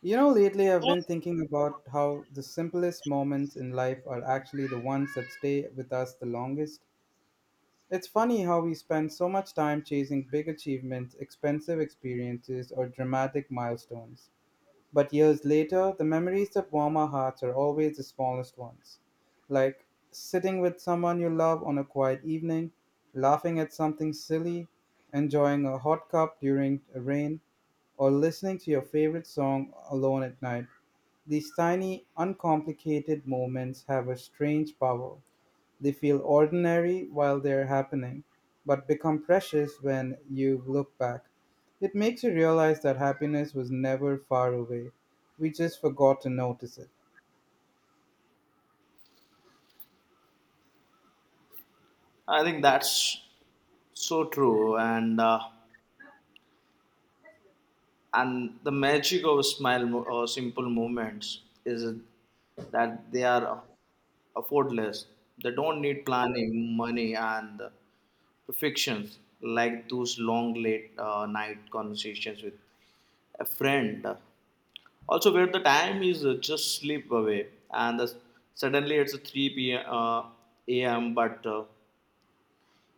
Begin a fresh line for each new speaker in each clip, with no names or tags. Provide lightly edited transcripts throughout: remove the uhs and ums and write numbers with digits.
You know, lately I've been thinking about how the simplest moments in life are actually the ones that stay with us the longest. It's funny how we spend so much time chasing big achievements, expensive experiences, or dramatic milestones. But years later, the memories that warm our hearts are always the smallest ones. Like sitting with someone you love on a quiet evening, laughing at something silly, enjoying a hot cup during a rain, or listening to your favorite song alone at night. These tiny, uncomplicated moments have a strange power. They feel ordinary while they're happening, but become precious when you look back. It makes you realize that happiness was never far away. We just forgot to notice it.
I think that's so true, and the magic of smile mo- or simple moments is that they are effortless. They don't need planning, money, and perfections like those long late night conversations with a friend. Also, where the time is just slip away, and the, suddenly it's a 3 p.m. A.m. But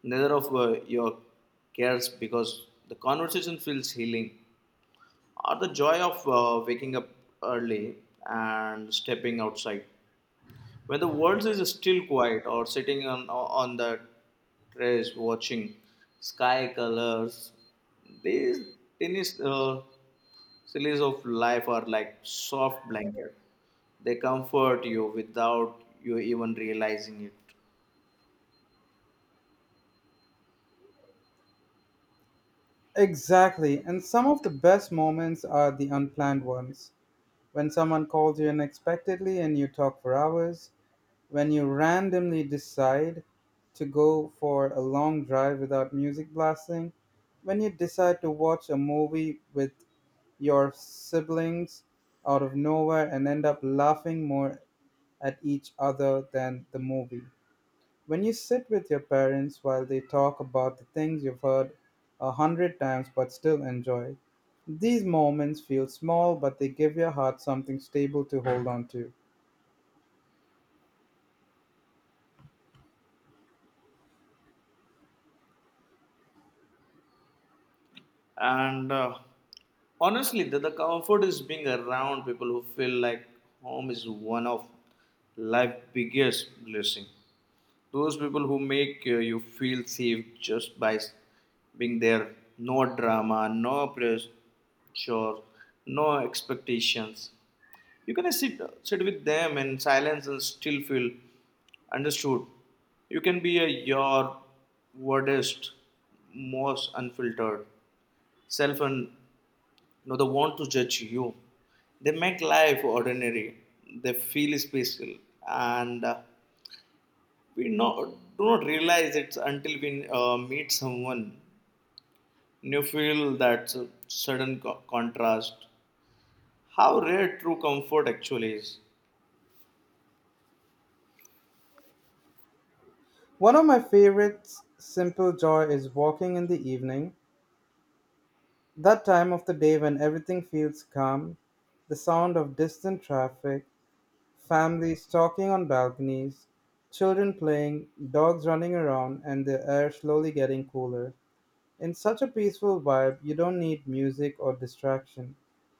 neither of your cares because the conversation feels healing or the joy of waking up early and stepping outside when the world is still quiet or sitting on the terrace watching sky colors. These tiny sillies of life are like soft blanket. They comfort you without you even realizing it.
Exactly. And some of the best moments are the unplanned ones. When someone calls you unexpectedly and you talk for hours, when you randomly decide to go for a long drive without music blasting, when you decide to watch a movie with your siblings out of nowhere and end up laughing more at each other than the movie. When you sit with your parents while they talk about the things you've heard 100 times but still enjoy, these moments feel small but they give your heart something stable to hold on to.
And Honestly, the comfort is being around people who feel like home is one of life's biggest blessing. Those people who make you feel safe just by being there. No drama, no pressure, no expectations. You can sit with them in silence and still feel understood. You can be your wordest, most unfiltered self, and no they want to judge you. They make life ordinary, they feel special, and we no do not realize it until we meet someone. You feel that sudden contrast, how rare true comfort actually is.
One of my favorite simple joy is walking in the evening, that time of the day when everything feels calm, the sound of distant traffic, families talking on balconies, children playing, dogs running around, and the air slowly getting cooler. In such a peaceful vibe, you don't need music or distraction.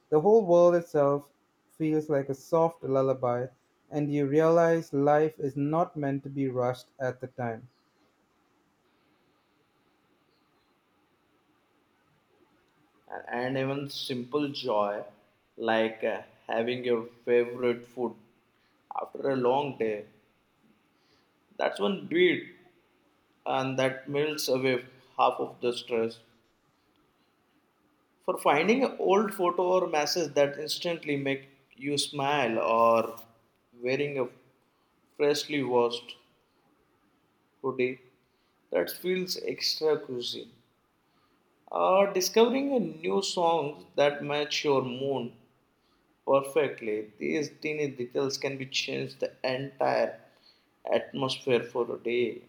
The whole world itself feels like a soft lullaby, and you realize life is not meant to be rushed at the time.
And even simple joy like having your favorite food after a long day, that's one beat and that melts away half of the stress. For finding an old photo or message that instantly make you smile, or wearing a freshly washed hoodie that feels extra cozy, or discovering a new song that match your mood perfectly. These teeny details can be changed the entire atmosphere for a day.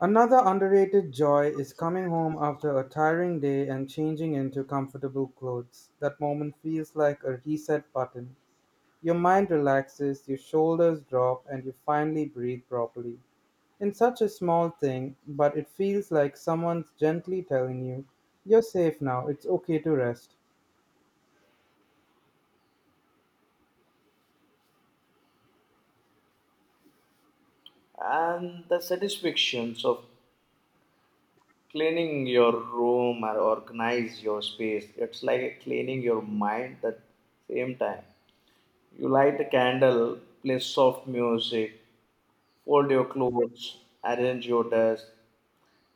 Another underrated joy is coming home after a tiring day and changing into comfortable clothes. That moment feels like a reset button. Your mind relaxes, your shoulders drop, and you finally breathe properly. In such a small thing, but it feels like someone's gently telling you, you're safe now, it's okay to rest.
And the satisfactions of cleaning your room or organize your space. It's like cleaning your mind at the same time. You light a candle, play soft music, fold your clothes, arrange your desk,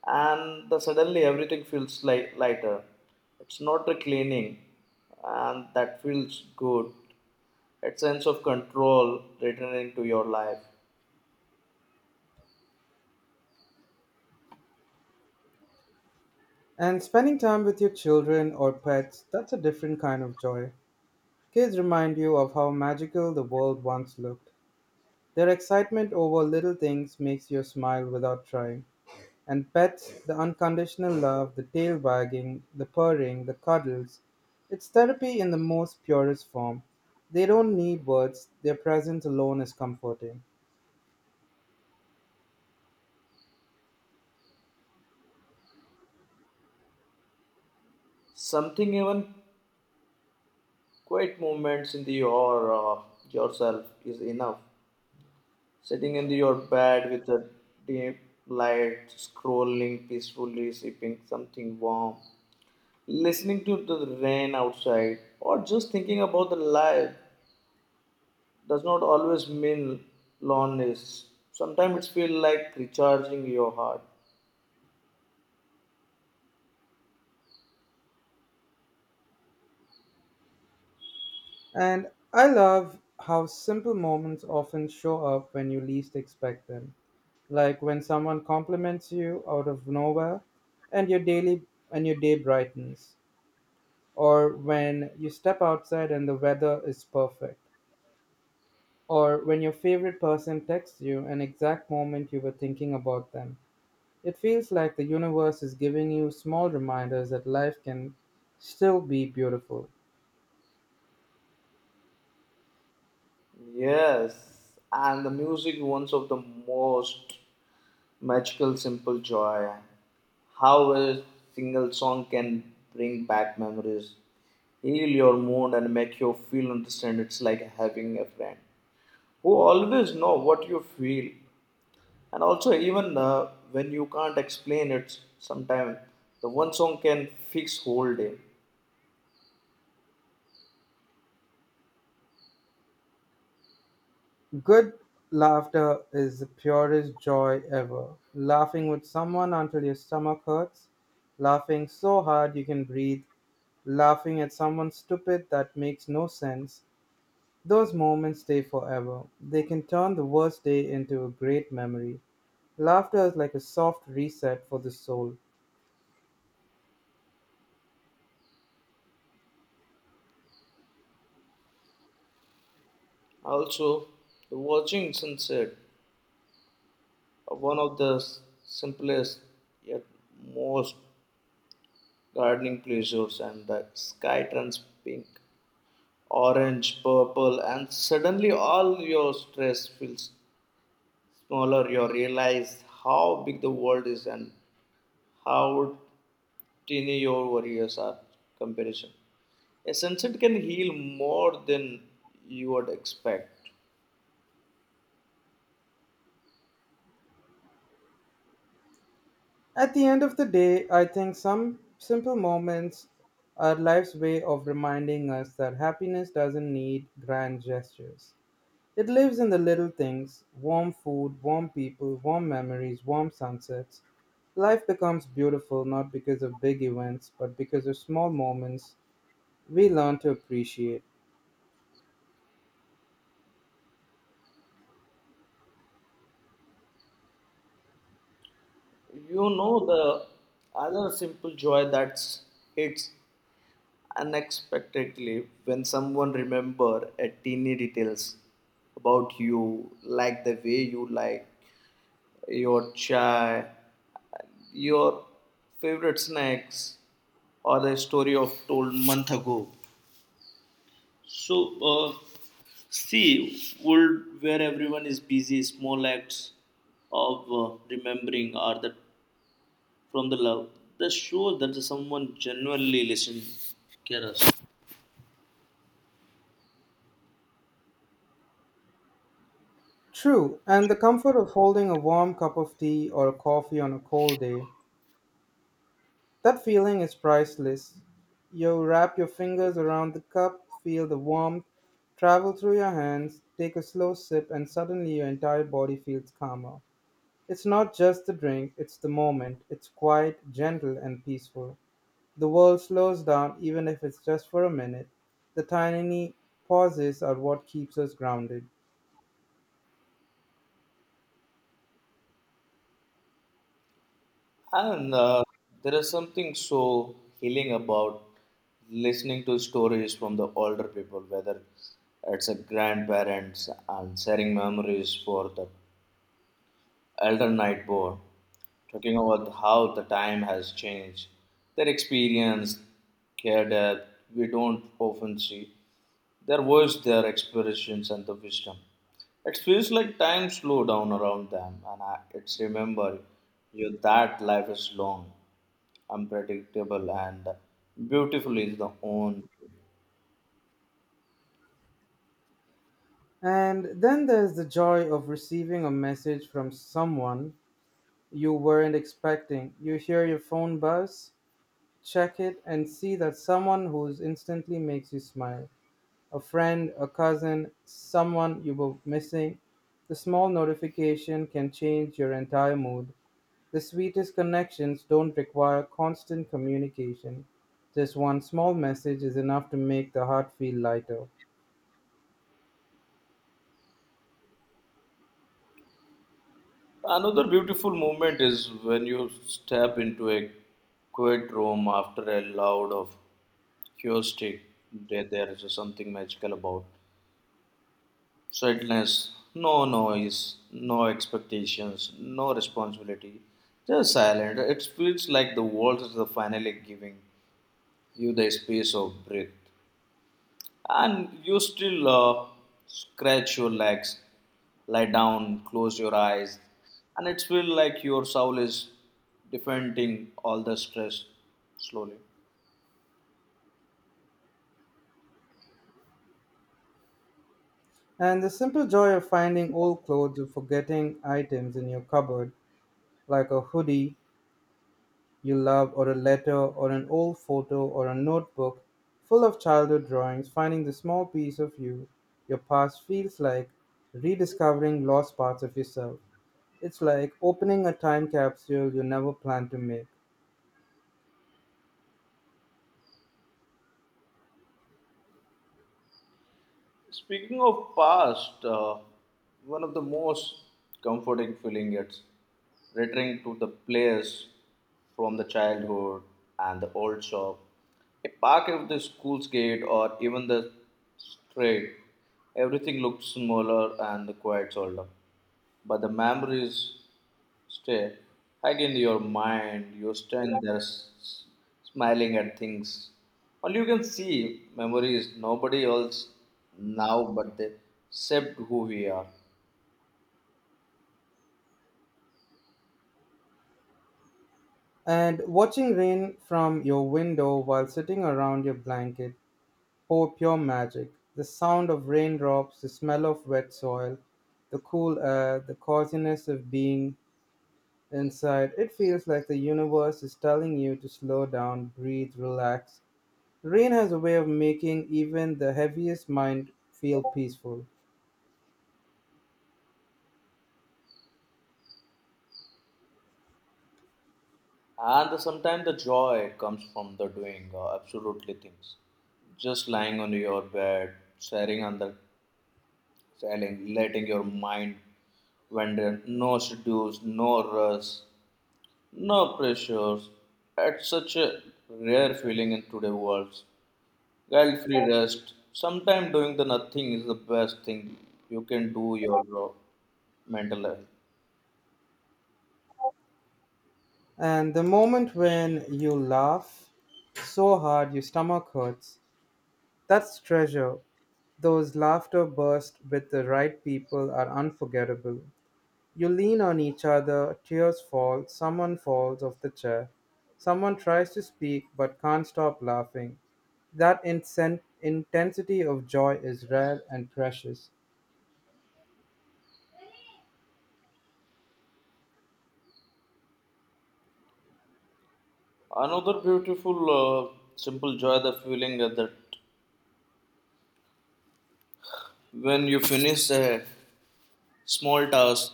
suddenly everything feels like lighter. It's not the cleaning, and that feels good. That sense of control returning to your life.
And spending time with your children or pets, that's a different kind of joy. Kids remind you of how magical the world once looked. Their excitement over little things makes you smile without trying. And pets, the unconditional love, the tail wagging, the purring, the cuddles, it's therapy in the most purest form. They don't need words, their presence alone is comforting.
Something even quiet moments in the your yourself is enough. Sitting in your bed with a dim light, scrolling peacefully, sipping something warm, listening to the rain outside, or just thinking about the life does not always mean loneliness. Sometimes it feels like recharging your heart.
And I love how simple moments often show up when you least expect them. Like when someone compliments you out of nowhere and your daily and your day brightens, or when you step outside and the weather is perfect, or when your favorite person texts you an exact moment you were thinking about them. It feels like the universe is giving you small reminders that life can still be beautiful.
Yes, and the music one of the most magical simple joy, how a single song can bring back memories, heal your mood and make you feel understand. It's like having a friend who always know what you feel, and also even when you can't explain it sometimes the one song can fix whole day.
Good laughter is the purest joy ever. Laughing with someone until your stomach hurts, laughing so hard you can breathe, laughing at someone stupid that makes no sense, those moments stay forever. They can turn the worst day into a great memory. Laughter is like a soft reset for the soul.
Also the watching sunset, one of the simplest yet most gardening pleasures, and the sky turns pink, orange, purple, and suddenly all your stress feels smaller. You realize how big the world is and how tiny your worries are. Comparison. A sunset can heal more than you would expect.
At the end of the day, I think some simple moments are life's way of reminding us that happiness doesn't need grand gestures. It lives in the little things: warm food, warm people, warm memories, warm sunsets. Life becomes beautiful not because of big events, but because of small moments we learn to appreciate.
You know the other simple joy that hits unexpectedly when someone remember a teeny details about you, like the way you like your chai, your favorite snacks, or the story of told month ago. So uh, see world where everyone is busy, small acts of remembering are the from the love that shows that someone genuinely listen care us.
True, and the comfort of holding a warm cup of tea or a coffee on a cold day, that feeling is priceless. You wrap your fingers around the cup, feel the warmth, travel through your hands, take a slow sip, and suddenly your entire body feels calmer. It's not just the drink, it's the moment. It's quiet, gentle, and peaceful. The world slows down, even if it's just for a minute. The tiny pauses are what keeps us grounded.
And There is something so healing about listening to stories from the older people, whether it's a grandparents and sharing memories for the elder night board, talking about how the time has changed, their experience, care that we don't often see, their voice, their expressions, and the wisdom. It feels like time slowed down around them, and I, it's remember you that life is long, unpredictable and beautiful is the own.
And then there's the joy of receiving a message from someone you weren't expecting. You hear your phone buzz, check it, and see that someone who instantly makes you smile. A friend, a cousin, someone you were missing. The small notification can change your entire mood. The sweetest connections don't require constant communication. Just one small message is enough to make the heart feel lighter.
Another beautiful moment is when you step into a quiet room after a loud of acoustic. There is something magical about sadness. No noise, no expectations, no responsibility, just silent. It feels like the world is finally giving you the space of breath. And you still scratch your legs, lie down, close your eyes, and it feels like your soul is defending all the stress slowly.
And the simple joy of finding old clothes or forgetting items in your cupboard, like a hoodie you love, or a letter, or an old photo, or a notebook full of childhood drawings, finding the small piece of you, your past feels like rediscovering lost parts of yourself. It's like opening a time capsule you never planned to make.
Speaking of past, one of the most comforting feeling is returning to the place from the childhood, and the old shop, a park at the school's gate, or even the street. Everything looks smaller and quite older, but the memories stay hide in your mind. You stand there smiling at things. All you can see memories nobody else now, but they shaped who we are.
And watching rain from your window while sitting around your blanket, oh, pure magic. The sound of raindrops, the smell of wet soil, the cool air, the coziness of being inside. It feels like the universe is telling you to slow down, breathe, relax. Rain has a way of making even the heaviest mind feel peaceful.
And sometimes the joy comes from the doing absolutely things, just lying on your bed, staring on the staring, letting your mind wander. No schedules, no rush, no pressures. It's such a rare feeling in today's world. Guilt free rest. Sometimes doing the nothing is the best thing you can do your mental health.
And the moment when you laugh so hard your stomach hurts, that's treasure. Those laughter bursts with the right people are unforgettable. You lean on each other, tears fall, someone falls off the chair. Someone tries to speak but can't stop laughing. That intensity of joy is rare and precious.
Another beautiful, simple joy, the feeling that when you finish a small task,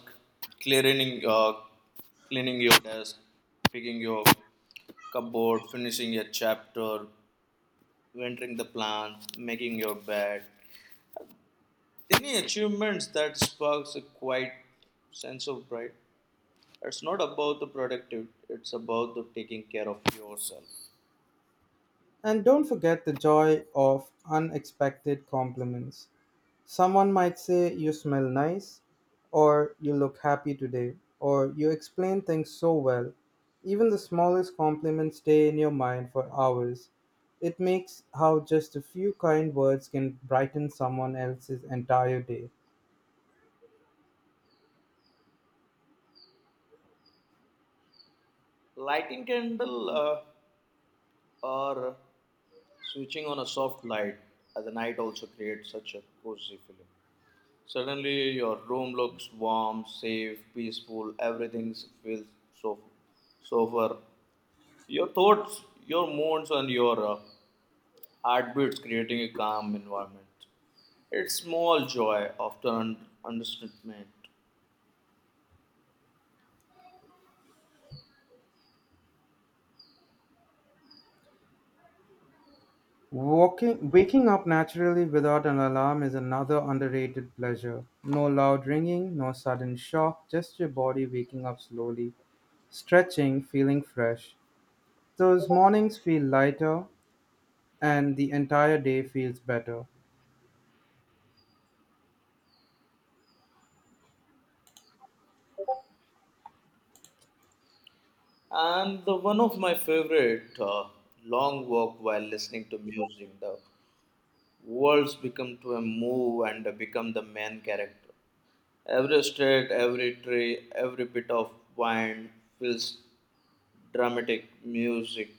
clearing, cleaning your desk, picking your cupboard, finishing a chapter, entering the plan, making your bed. Any achievements that sparks a quiet sense of pride. It's not about the productivity. It's about the taking care of yourself.
And don't forget the joy of unexpected compliments. Someone might say, you smell nice, or you look happy today, or you explain things so well. Even the smallest compliments stay in your mind for hours. It makes how just a few kind words can brighten someone else's entire day.
Lighting candle, or switching on a soft light at the night also creates such a cozy feeling. Suddenly your room looks warm, safe, peaceful. Everything feels so sober, your thoughts, your moods, and your heartbeats creating a calm environment. It's small joy often understatement.
Waking up naturally without an alarm is another underrated pleasure. No loud ringing, no sudden shock, just your body waking up slowly, stretching, feeling fresh. Those mornings feel lighter, and the entire day feels better.
And the one of my favorite long walk while listening to music, the words become to a move and become the main character. Every street, every tree, every bit of wind feels dramatic music,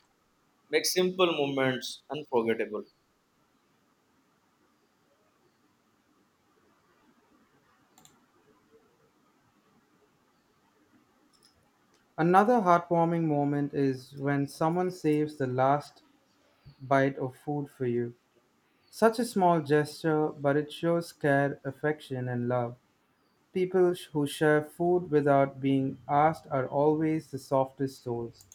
makes simple moments unforgettable.
Another heartwarming moment is when someone saves the last bite of food for you. Such a small gesture, but it shows care, affection, and love. People who share food without being asked are always the softest souls.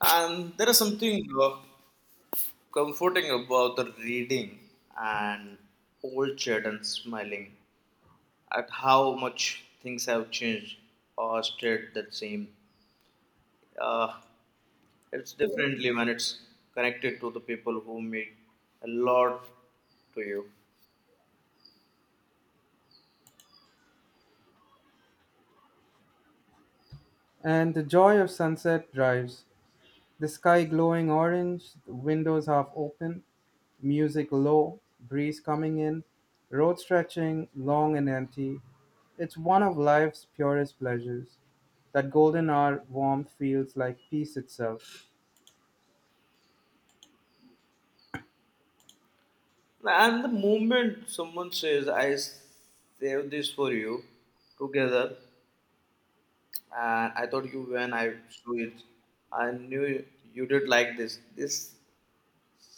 And there is something comforting about the reading and old chat and smiling at how much things have changed or stayed the same. uh, it's differently when it's connected to the people who mean a lot to you.
And the joy of sunset drives, the sky glowing orange, the windows half open, music low, breeze coming in, road stretching long and empty. It's one of life's purest pleasures. That golden hour warmth feels like peace itself.
And the moment someone says, I saved this for you together, and I thought you when I do it, I knew you did like this. This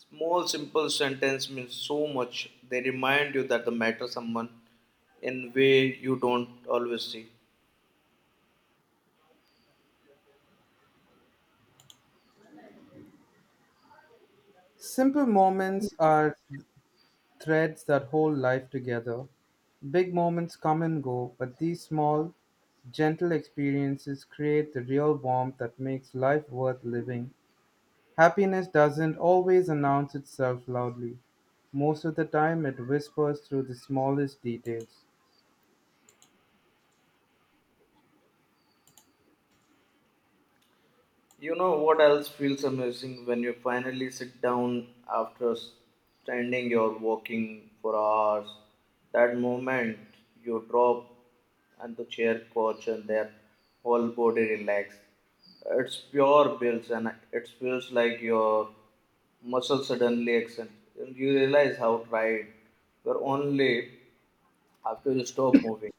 small, simple sentence means so much. They remind you that the matter someone in way you don't always see.
Simple moments are threads that hold life together. Big moments come and go, but these small, gentle experiences create the real warmth that makes life worth living. Happiness doesn't always announce itself loudly. Most of the time, it whispers through the smallest details.
You know what else feels amazing when you finally sit down after standing or walking for hours? That moment you drop and the chair coach and their whole body relax. It's pure bills and it feels like your muscles suddenly extend. And you realize how tired you're only after you stop moving.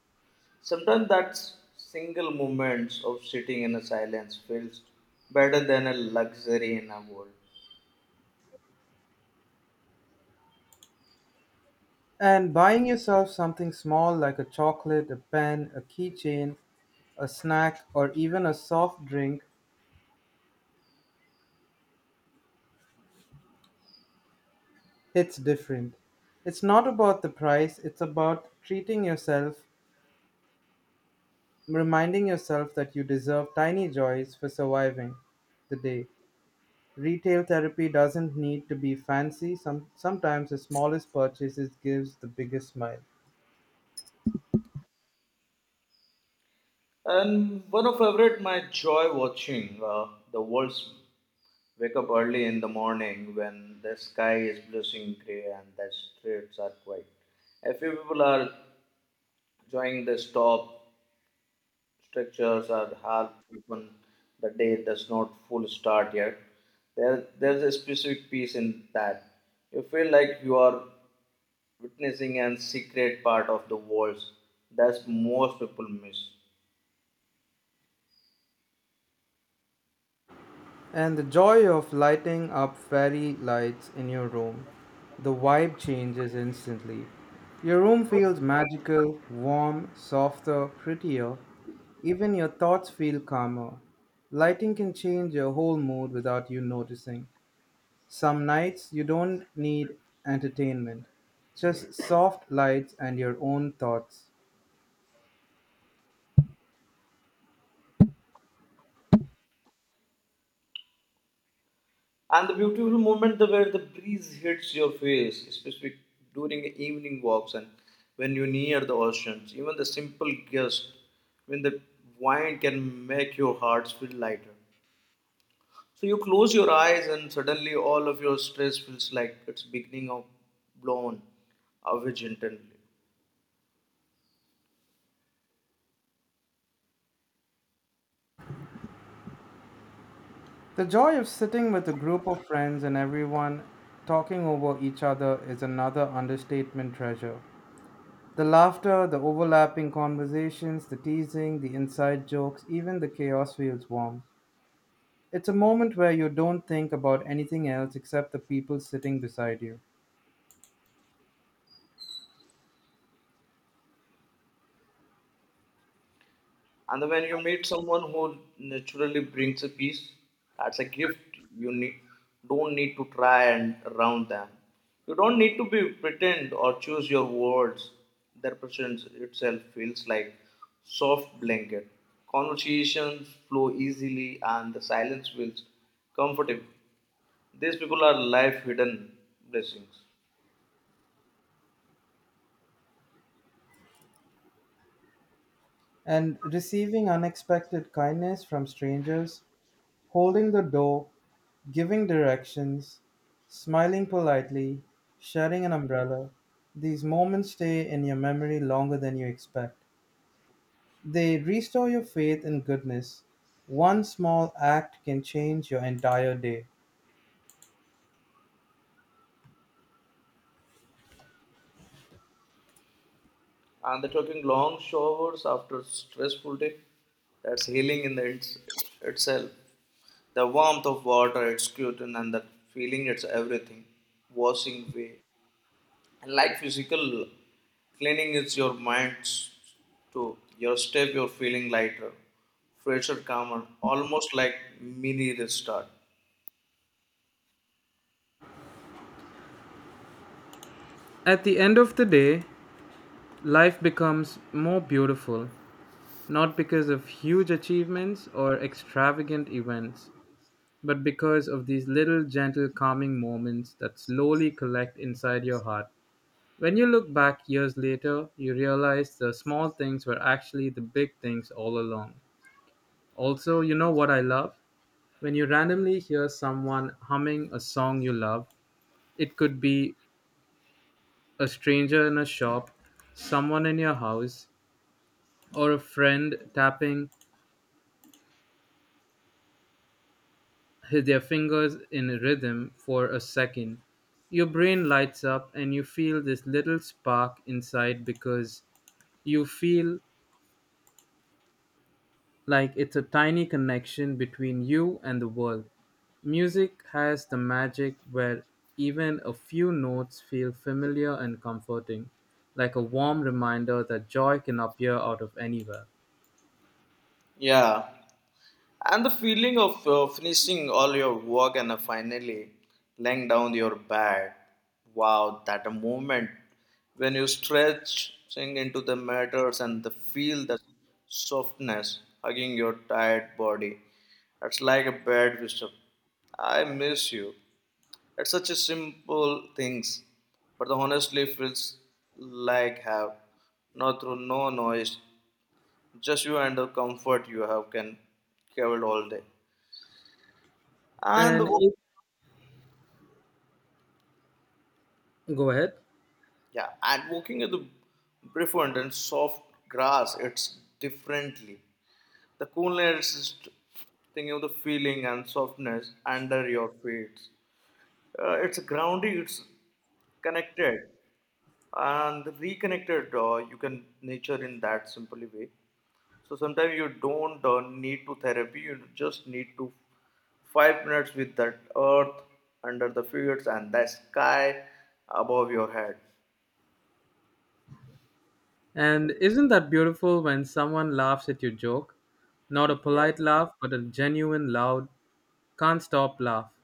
Sometimes that single moments of sitting in a silence feels better than a luxury in a world.
And buying yourself something small like a chocolate, a pen, a keychain, a snack, or even a soft drink hits different. It's not about the price, it's about treating yourself, reminding yourself that you deserve tiny joys for surviving the day. Retail therapy doesn't need to be fancy. Sometimes the smallest purchases gives the biggest smile.
And one of favorite my joy watching the wolves wake up early in the morning when the sky is blushing gray and the streets are quiet. A few people are enjoying the stop structures are half open. The day does not full start yet. There's a specific peace in that. You feel like you are witnessing and secret part of the walls that most people miss.
And the joy of lighting up fairy lights in your room. The vibe changes instantly. Your room feels magical, warm, softer, prettier. Even your thoughts feel calmer. Lighting can change your whole mood without you noticing. Some nights you don't need entertainment, just soft lights and your own thoughts.
And the beautiful moment where the breeze hits your face, especially during evening walks and when you're near the oceans, even the simple gust when the wind can make your hearts feel lighter. So you close your eyes and suddenly all of your stress feels like it's beginning of blown away gently.
The joy of sitting with a group of friends and everyone talking over each other is another understatement treasure. The laughter, the overlapping conversations, the teasing, the inside jokes, even the chaos feels warm. It's a moment where you don't think about anything else except the people sitting beside you.
And when you meet someone who naturally brings a peace, that's a gift you need, don't need to try and around them. You don't need to be pretend or choose your words. Their presence itself feels like soft blanket. Conversations flow easily and the silence feels comfortable. These people are life hidden blessings.
And receiving unexpected kindness from strangers, holding the door, giving directions, smiling politely, sharing an umbrella. These moments stay in your memory longer than you expect. They restore your faith in goodness. One small act can change your entire day.
And they're taking long showers after stressful day, that's healing in itself. The warmth of water, it's cute, and that feeling it's everything washing away, and like physical cleaning it's your mind to your step. You're feeling lighter, fresher, calmer, almost like mini restart.
At the end of the day, life becomes more beautiful, not because of huge achievements or extravagant events, but because of these little gentle calming moments that slowly collect inside your heart. When you look back years later, you realize the small things were actually the big things all along. Also, you know what I love? When you randomly hear someone humming a song you love, it could be a stranger in a shop, someone in your house, or a friend tapping their fingers in rhythm for a second. Your brain lights up and you feel this little spark inside because you feel like it's a tiny connection between you and the world. Music has the magic where even a few notes feel familiar and comforting, like a warm reminder that joy can appear out of anywhere.
Yeah. And the feeling of finishing all your work and finally laying down your bed. Wow, that a moment when you stretch, sink into the matters and the feel the softness hugging your tired body. It's like a bad whisper. I miss you. It's such a simple things, but honestly feels like have not through no noise, just you and the comfort you have can travel all day. And the
And
walk-
it, go ahead.
yeah, and walking in the befriend and soft grass, it's differently. The coolness is thinking of the feeling and softness under your feet. It's grounding. It's connected and reconnected. You can nature in that simply way. So sometimes you don't need to therapy. You just need to 5 minutes with that earth under the fields and the sky above your head.
And isn't that beautiful when someone laughs at your joke? Not a
Yeah,
polite laugh, but a genuine, loud, can't stop laugh.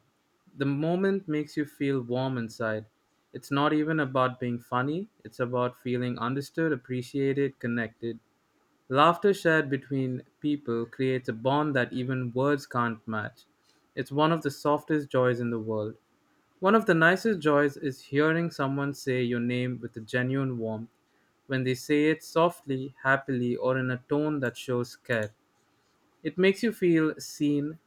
The moment makes you feel warm inside. It's not even about being funny, it's about feeling understood, appreciated, connected. Laughter shared between people creates a bond that even words can't match. It's one of the softest joys in the world. One of the nicest joys is hearing someone say your name with a genuine warmth when they say it softly, happily, or in a tone that shows care. It makes you feel seen,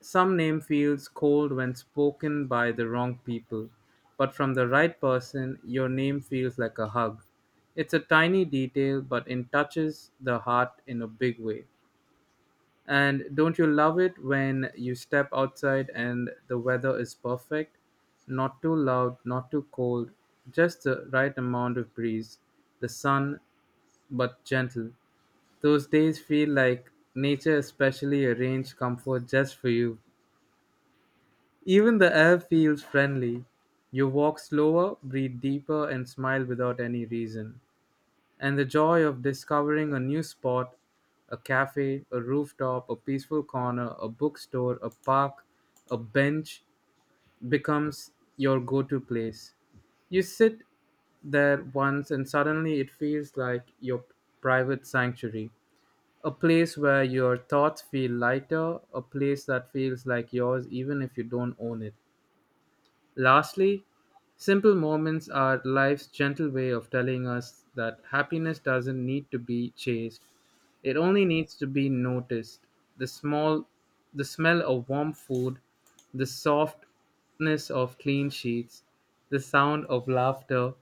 some name feels cold when spoken by the wrong people, but from the right person, your name feels like a hug. It's a tiny detail, but it touches the heart in a big way. And don't you love it when you step outside and the weather is perfect? Not too loud, not too cold, just the right amount of breeze, the sun, but gentle. Those days feel like nature especially arranged comfort just for you. Even the air feels friendly. You walk slower, breathe deeper, and smile without any reason. And the joy of discovering a new spot, a cafe, a rooftop, a peaceful corner, a bookstore, a park, a bench becomes your go to place. You sit there once, and suddenly it feels like your private sanctuary. A place where your thoughts feel lighter, a place that feels like yours even if you don't own it. Lastly, simple moments are life's gentle way of telling us that happiness doesn't need to be chased. It only needs to be noticed. The small the smell of warm food, the softness of clean sheets, the sound of laughter,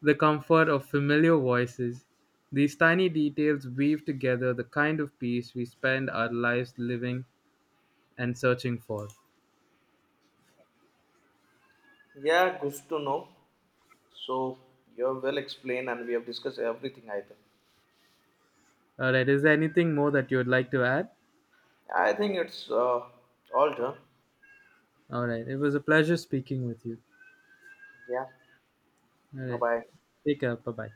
the comfort of familiar voices. These tiny details weave together the kind of peace we spend our lives living and searching for.
yeah, good to know. So you have well explained, and we have discussed everything, I think.
All right, is there anything more that you would like to add?
I think it's all done.
All right. It was a pleasure speaking with you.
Yeah.
All
Bye
right.
bye.
Take care. Bye bye.